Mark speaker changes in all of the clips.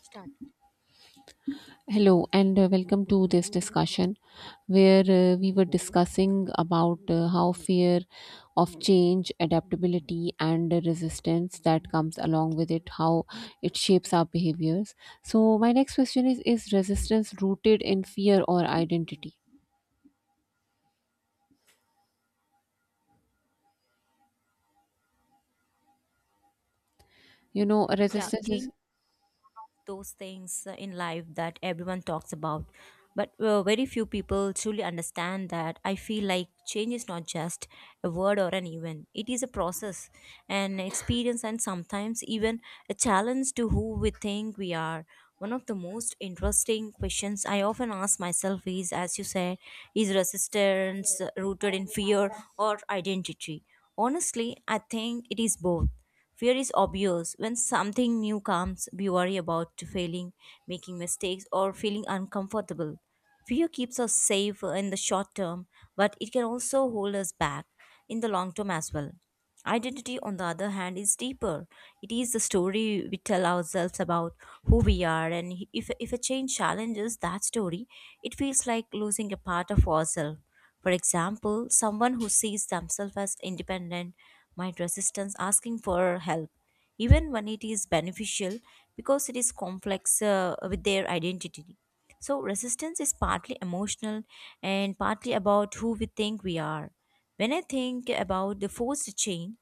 Speaker 1: Start.
Speaker 2: Hello and welcome to this discussion where we were discussing about how fear of change, adaptability and the resistance that comes along with it, how it shapes our behaviors. So my next question is resistance rooted in fear or identity?
Speaker 1: Yeah,
Speaker 2: Resistance is
Speaker 1: change those things in life that everyone talks about. But very few people truly understand that. I feel like change is not just a word or an event, it is a process, an experience, and sometimes even a challenge to who we think we are. One of the most interesting questions I often ask myself is, as you said, is resistance rooted in fear or identity? Honestly, I think it is both. Fear is obvious. When something new comes, we worry about failing, making mistakes, or feeling uncomfortable. Fear keeps us safe in the short term, but it can also hold us back in the long term as well. Identity, on the other hand, is deeper. It is the story we tell ourselves about who we are, and if a change challenges that story, it feels like losing a part of ourselves. For example, someone who sees themselves as independent might resist asking for help, even when it is beneficial because it is complex with their identity. So, resistance is partly emotional and partly about who we think we are. When I think about the forced change,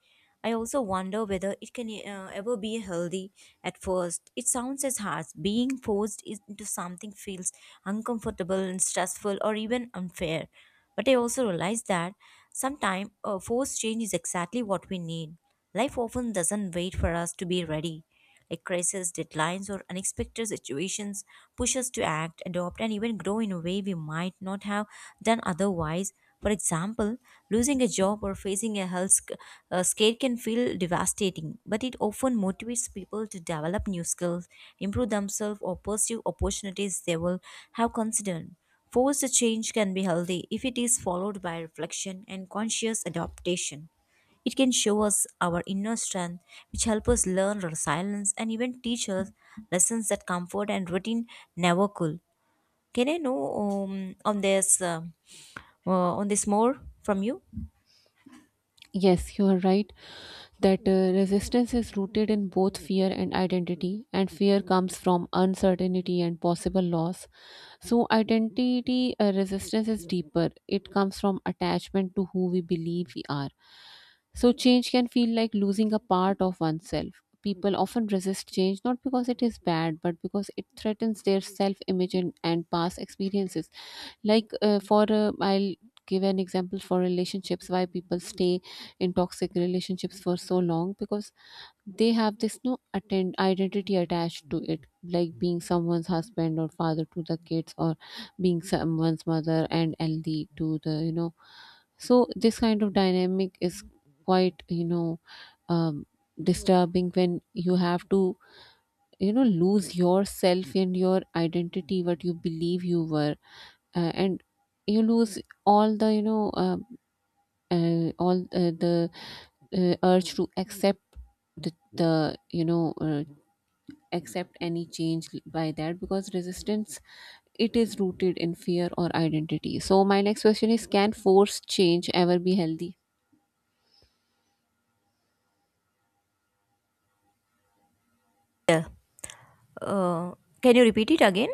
Speaker 1: I also wonder whether it can ever be healthy at first. It sounds as harsh. Being forced into something feels uncomfortable and stressful or even unfair. But I also realize that sometimes a forced change is exactly what we need. Life often doesn't wait for us to be ready. Like crises, deadlines, or unexpected situations push us to act, adopt, and even grow in a way we might not have done otherwise. For example, losing a job or facing a health scare can feel devastating, but it often motivates people to develop new skills, improve themselves, or pursue opportunities they will have considered. Forced change can be healthy if it is followed by reflection and conscious adaptation. It can show us our inner strength, which help us learn resilience and even teach us lessons that comfort and routine never could. Can I know um, on this uh, uh, on this more from you?
Speaker 2: yes, you are right that resistance is rooted in both fear and identity, and fear comes from uncertainty and possible loss. So, identity resistance is deeper. It comes from attachment to who we believe we are. So, change can feel like losing a part of oneself. People often resist change not because it is bad, but because it threatens their self image and past experiences. Like, for I'll give an example for relationships why people stay in toxic relationships for so long because they have this no attend identity attached to it, like being someone's husband or father to the kids, or being someone's mother and ld to the. So this kind of dynamic is quite um, disturbing when you have to lose yourself and your identity, what you believe you were, and you lose all the you know all the urge to accept the accept any change by that, because resistance, it is rooted in fear or identity. So my next question is, can forced change ever be healthy?
Speaker 1: Uh, can you repeat it again?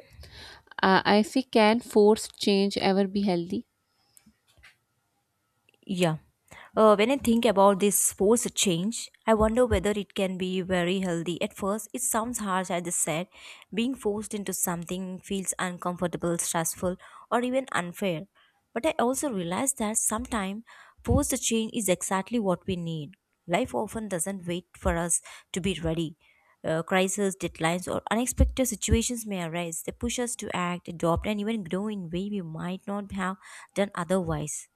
Speaker 2: I say, can forced change ever be healthy?
Speaker 1: Yeah. When I think about this forced change, I wonder whether it can be very healthy. At first, it sounds harsh, as I said. Being forced into something feels uncomfortable, stressful, or even unfair. But I also realize that sometimes forced change is exactly what we need. Life often doesn't wait for us to be ready. Crises, deadlines, or unexpected situations may arise. They push us to act, adopt, and even grow in ways we might not have done otherwise.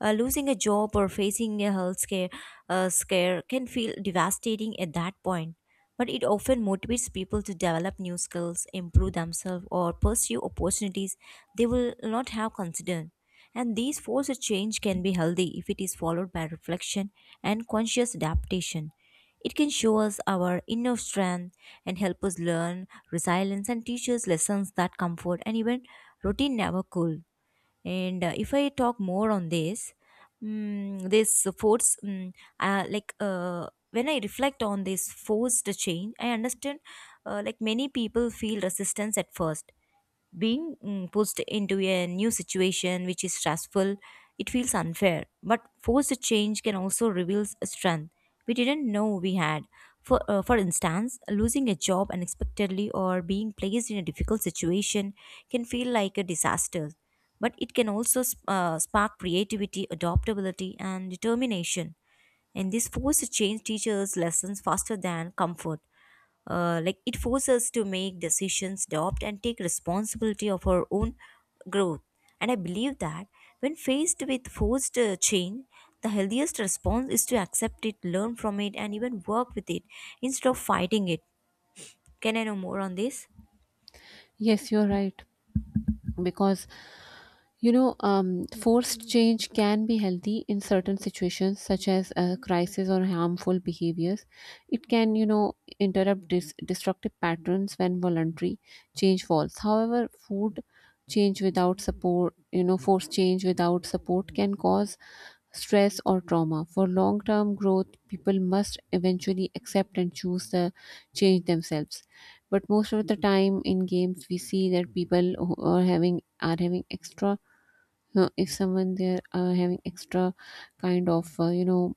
Speaker 1: Losing a job or facing a health scare can feel devastating at that point, but it often motivates people to develop new skills, improve themselves, or pursue opportunities they will not have considered. And these forces change can be healthy if it is followed by reflection and conscious adaptation. It can show us our inner strength and help us learn resilience and teach us lessons that comfort and even routine never could. And if I talk more on this, mm, this force mm, like when I reflect on this forced change, I understand, like many people feel resistance at first, being pushed into a new situation which is stressful, it feels unfair. But forced change can also reveal strength we didn't know we had. For instance, losing a job unexpectedly or being placed in a difficult situation can feel like a disaster. But it can also spark creativity, adaptability, and determination. And this force change teachers lessons faster than comfort. Like it forces us to make decisions, adopt, and take responsibility of our own growth. And I believe that when faced with forced change, the healthiest response is to accept it, learn from it, and even work with it instead of fighting it. Can I know more on this?
Speaker 2: Yes, you're right, because forced change can be healthy in certain situations, such as a crisis or harmful behaviors. It can, interrupt destructive patterns when voluntary change falls. However, food change without support, forced change without support can cause stress or trauma. For long term growth, people must eventually accept and choose the change themselves. But most of the time in games, we see that people who are having extra if someone they're having extra kind of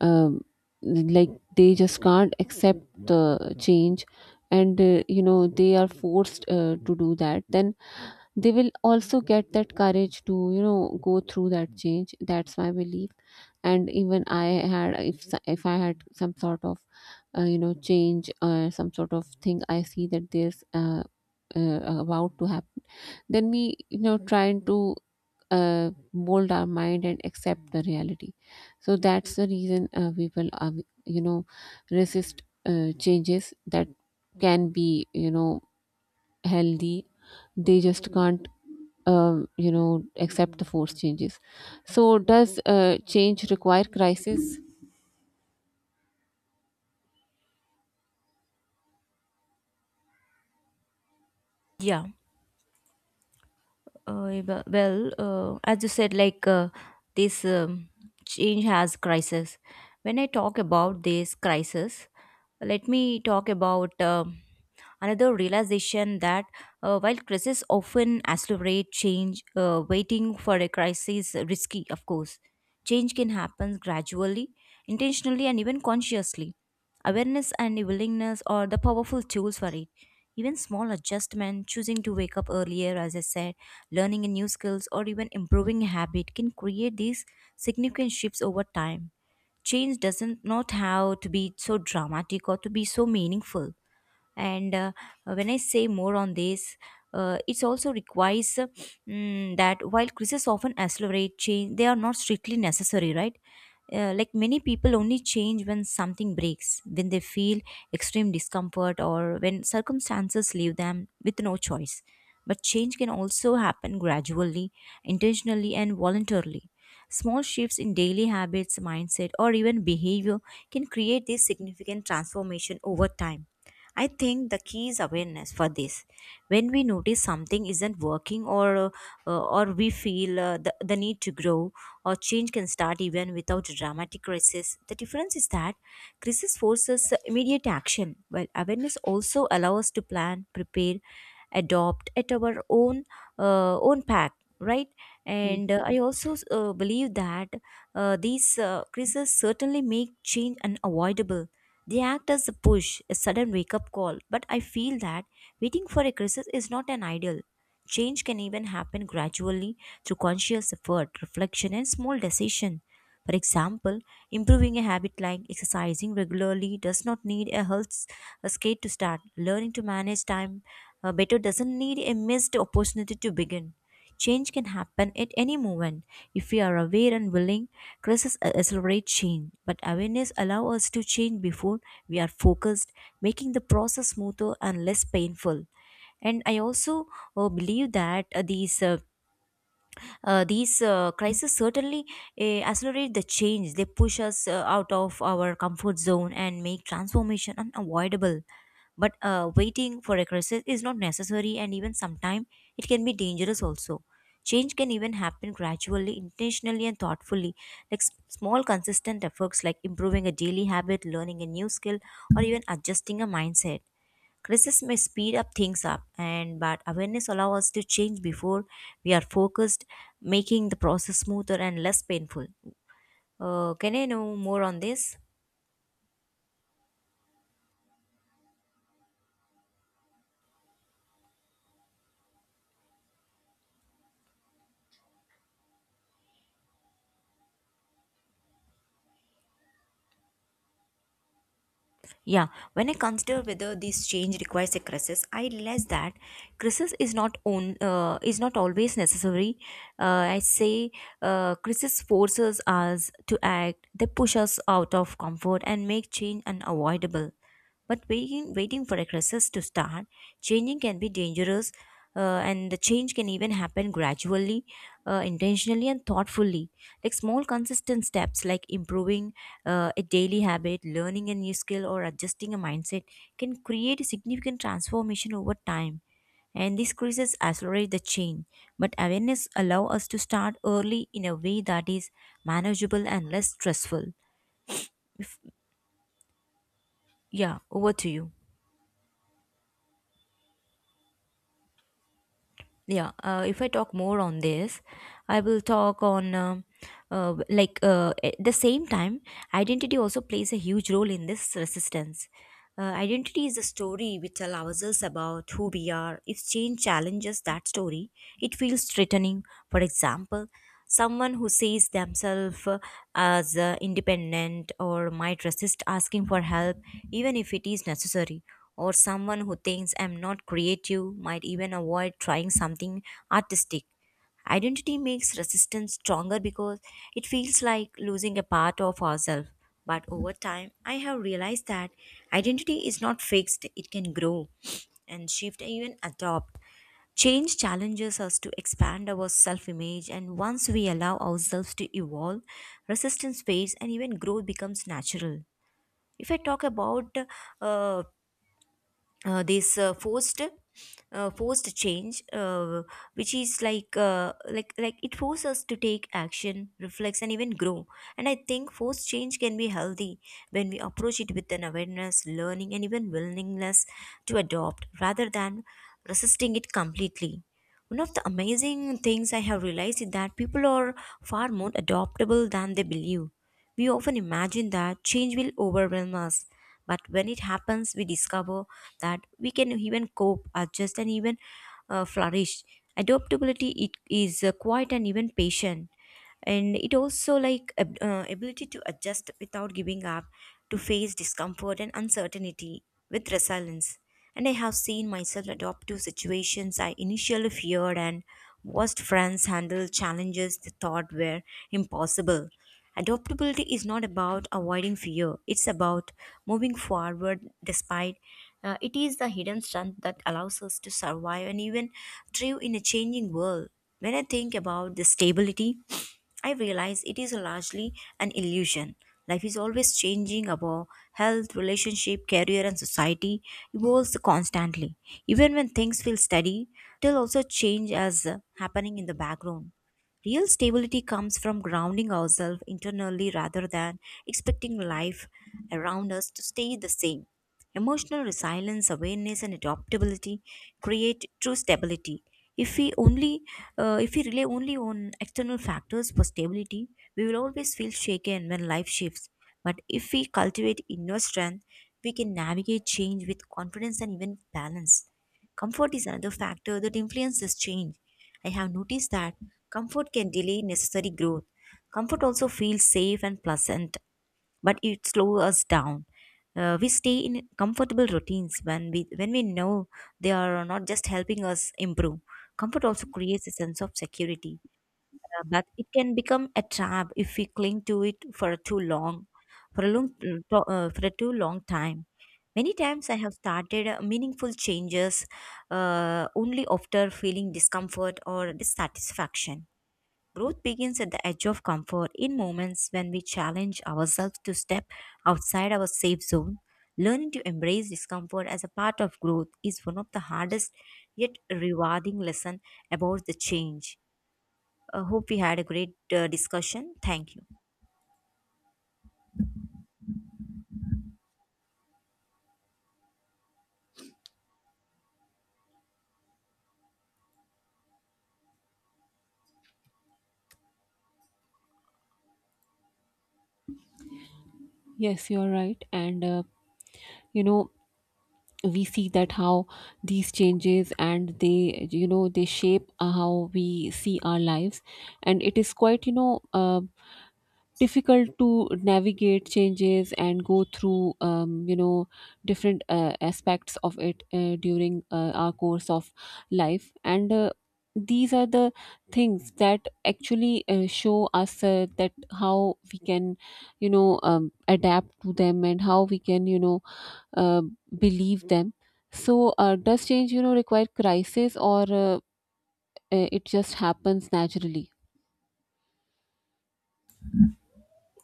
Speaker 2: um, like they just can't accept the change, and they are forced to do that. Then they will also get that courage to go through that change. That's my belief. And even I had if I had some sort of change, some sort of thing I see that there's about to happen, then me trying to mold our mind and accept the reality. So that's the reason people are, you know resist changes that can be, healthy. They just can't, accept the forced changes. So does change require crisis?
Speaker 1: Yeah. Well, as you said, like this change has crisis. When I talk about this crisis, let me talk about another realization that, while crises often accelerate change, waiting for a crisis is risky, of course. Change can happen gradually, intentionally, and even consciously. Awareness and willingness are the powerful tools for it. Even small adjustment, choosing to wake up earlier, as I said, learning a new skills or even improving a habit can create these significant shifts over time. Change doesn't not have to be so dramatic or to be so meaningful. And when I say more on this, it also requires, that while crises often accelerate change, they are not strictly necessary, right? Like many people only change when something breaks, when they feel extreme discomfort, or when circumstances leave them with no choice. But change can also happen gradually, intentionally, and voluntarily. Small shifts in daily habits, mindset, or even behavior can create this significant transformation over time. I think the key is awareness for this. When we notice something isn't working, or we feel the need to grow or change, can start even without dramatic crisis. The difference is that crisis forces immediate action, while awareness also allows us to plan, prepare, adopt at our own own pack, right? And I also believe that these crises certainly make change unavoidable. They act as a push, a sudden wake up call, but I feel that waiting for a crisis is not an ideal. Change can even happen gradually through conscious effort, reflection, and small decision. For example, improving a habit like exercising regularly does not need a a skate to start. Learning to manage time better doesn't need a missed opportunity to begin. Change can happen at any moment if we are aware and willing. Crises accelerate change, but awareness allows us to change before we are focused, making the process smoother and less painful. And I also believe that these crises certainly accelerate the change. They push us out of our comfort zone and make transformation unavoidable. But waiting for a crisis is not necessary, and even sometimes it can be dangerous also. Change can even happen gradually, intentionally, and thoughtfully. Like small, consistent efforts like improving a daily habit, learning a new skill, or even adjusting a mindset. Criticism may speed up things up, and but awareness allows us to change before we are focused, making the process smoother and less painful. Can I know more on this? Yeah. When I consider whether this change requires a crisis, I realize that crisis is not on is not always necessary. I say Crisis forces us to act, they push us out of comfort and make change unavoidable. But waiting for a crisis to start, changing can be dangerous, and the change can even happen gradually, intentionally, and thoughtfully. Like small, consistent steps, like improving a daily habit, learning a new skill, or adjusting a mindset, can create a significant transformation over time. And these crises accelerate the change, but awareness allow us to start early in a way that is manageable and less stressful. Yeah, over to you. Yeah, if I talk more on this, I will talk on at the same time, identity also plays a huge role in this resistance. Identity is a story we tell ourselves about who we are. If change challenges that story, it feels threatening. For example, someone who sees themselves as independent or might resist asking for help, even if it is necessary. Or someone who thinks I'm not creative might even avoid trying something artistic. Identity makes resistance stronger because it feels like losing a part of ourselves. But over time, I have realized that identity is not fixed, it can grow and shift and even adopt. Change challenges us to expand our self image, and once we allow ourselves to evolve, resistance fades and even growth becomes natural. If I talk about uh, this forced forced change, which is like it forces us to take action, reflex, and even grow. And I think forced change can be healthy when we approach it with an awareness, learning, and even willingness to adopt rather than resisting it completely. One of the amazing things I have realized is that people are far more adaptable than they believe. We often imagine that change will overwhelm us, but when it happens we discover that we can even cope, adjust, and even flourish. Adaptability it is quite and even patient, and it also like ability to adjust without giving up, to face discomfort and uncertainty with resilience. And I have seen myself adopt to situations I initially feared and watched friends handle challenges they thought were impossible. Adaptability is not about avoiding fear, it's about moving forward despite It is the hidden strength that allows us to survive and even thrive in a changing world. When I think about the stability, I realize it is largely an illusion. Life is always changing about health, relationship, career, and society evolves constantly. Even when things feel steady, they'll also change as happening in the background. Real stability comes from grounding ourselves internally rather than expecting life around us to stay the same. Emotional resilience, awareness, and adaptability create true stability. If we only, if we rely only on external factors for stability, we will always feel shaken when life shifts. But if we cultivate inner strength, we can navigate change with confidence and even balance. Comfort is another factor that influences change. I have noticed that comfort can delay necessary growth. Comfort also feels safe and pleasant, but it slows us down. We stay in comfortable routines when we know they are not just helping us improve. Comfort also creates a sense of security, but it can become a trap if we cling to it for too long, for a long for a too long time. Many times I have started meaningful changes only after feeling discomfort or dissatisfaction. Growth begins at the edge of comfort in moments when we challenge ourselves to step outside our safe zone. Learning to embrace discomfort as a part of growth is one of the hardest yet rewarding lesson about the change. I hope we had a great discussion. Thank you.
Speaker 2: Yes, you're right, and you know we see that how these changes, and they they shape how we see our lives, and it is quite, difficult to navigate changes and go through, different aspects of it during our course of life. And these are the things that actually show us that how we can, adapt to them, and how we can, uh, believe them. So, does change, require crisis, or it just happens naturally?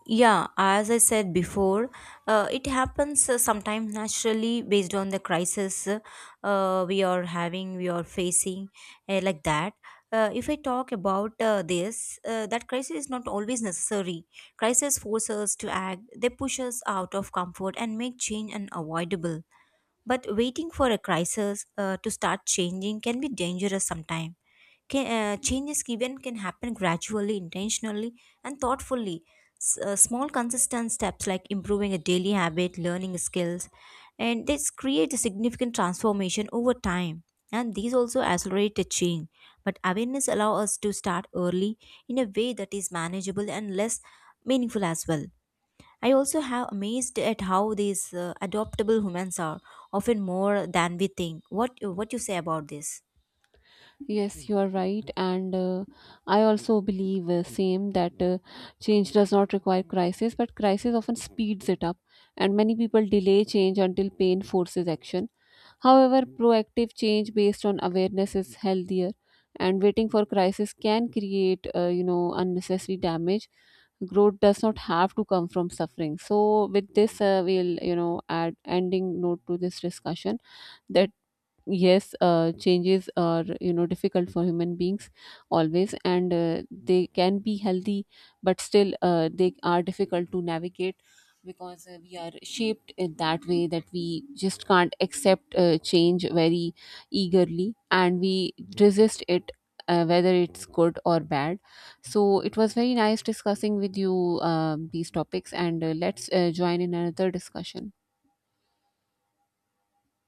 Speaker 1: Yeah, as I said before, it happens sometimes naturally based on the crisis we are having, we are facing, like that. If I talk about that crisis is not always necessary. Crisis force us to act, they push us out of comfort and make change unavoidable. But waiting for a crisis to start changing can be dangerous sometimes. Changes given can happen gradually, intentionally, and thoughtfully. Small, consistent steps like improving a daily habit, learning skills, and this create a significant transformation over time. And these also accelerate the change. But awareness allows us to start early in a way that is manageable and less meaningful as well. I also have amazed at how these adoptable humans are often more than we think. What you say about this?
Speaker 2: Yes, you are right, and I also believe same that change does not require crisis, but crisis often speeds it up, and many people delay change until pain forces action. However, proactive change based on awareness is healthier, and waiting for crisis can create, unnecessary damage. Growth does not have to come from suffering. So with this, we'll, add ending note to this discussion, that yes, changes are, difficult for human beings always, and they can be healthy, but still they are difficult to navigate, because we are shaped in that way that we just can't accept change very eagerly, and we resist it, whether it's good or bad. So it was very nice discussing with you these topics, and let's join in another discussion.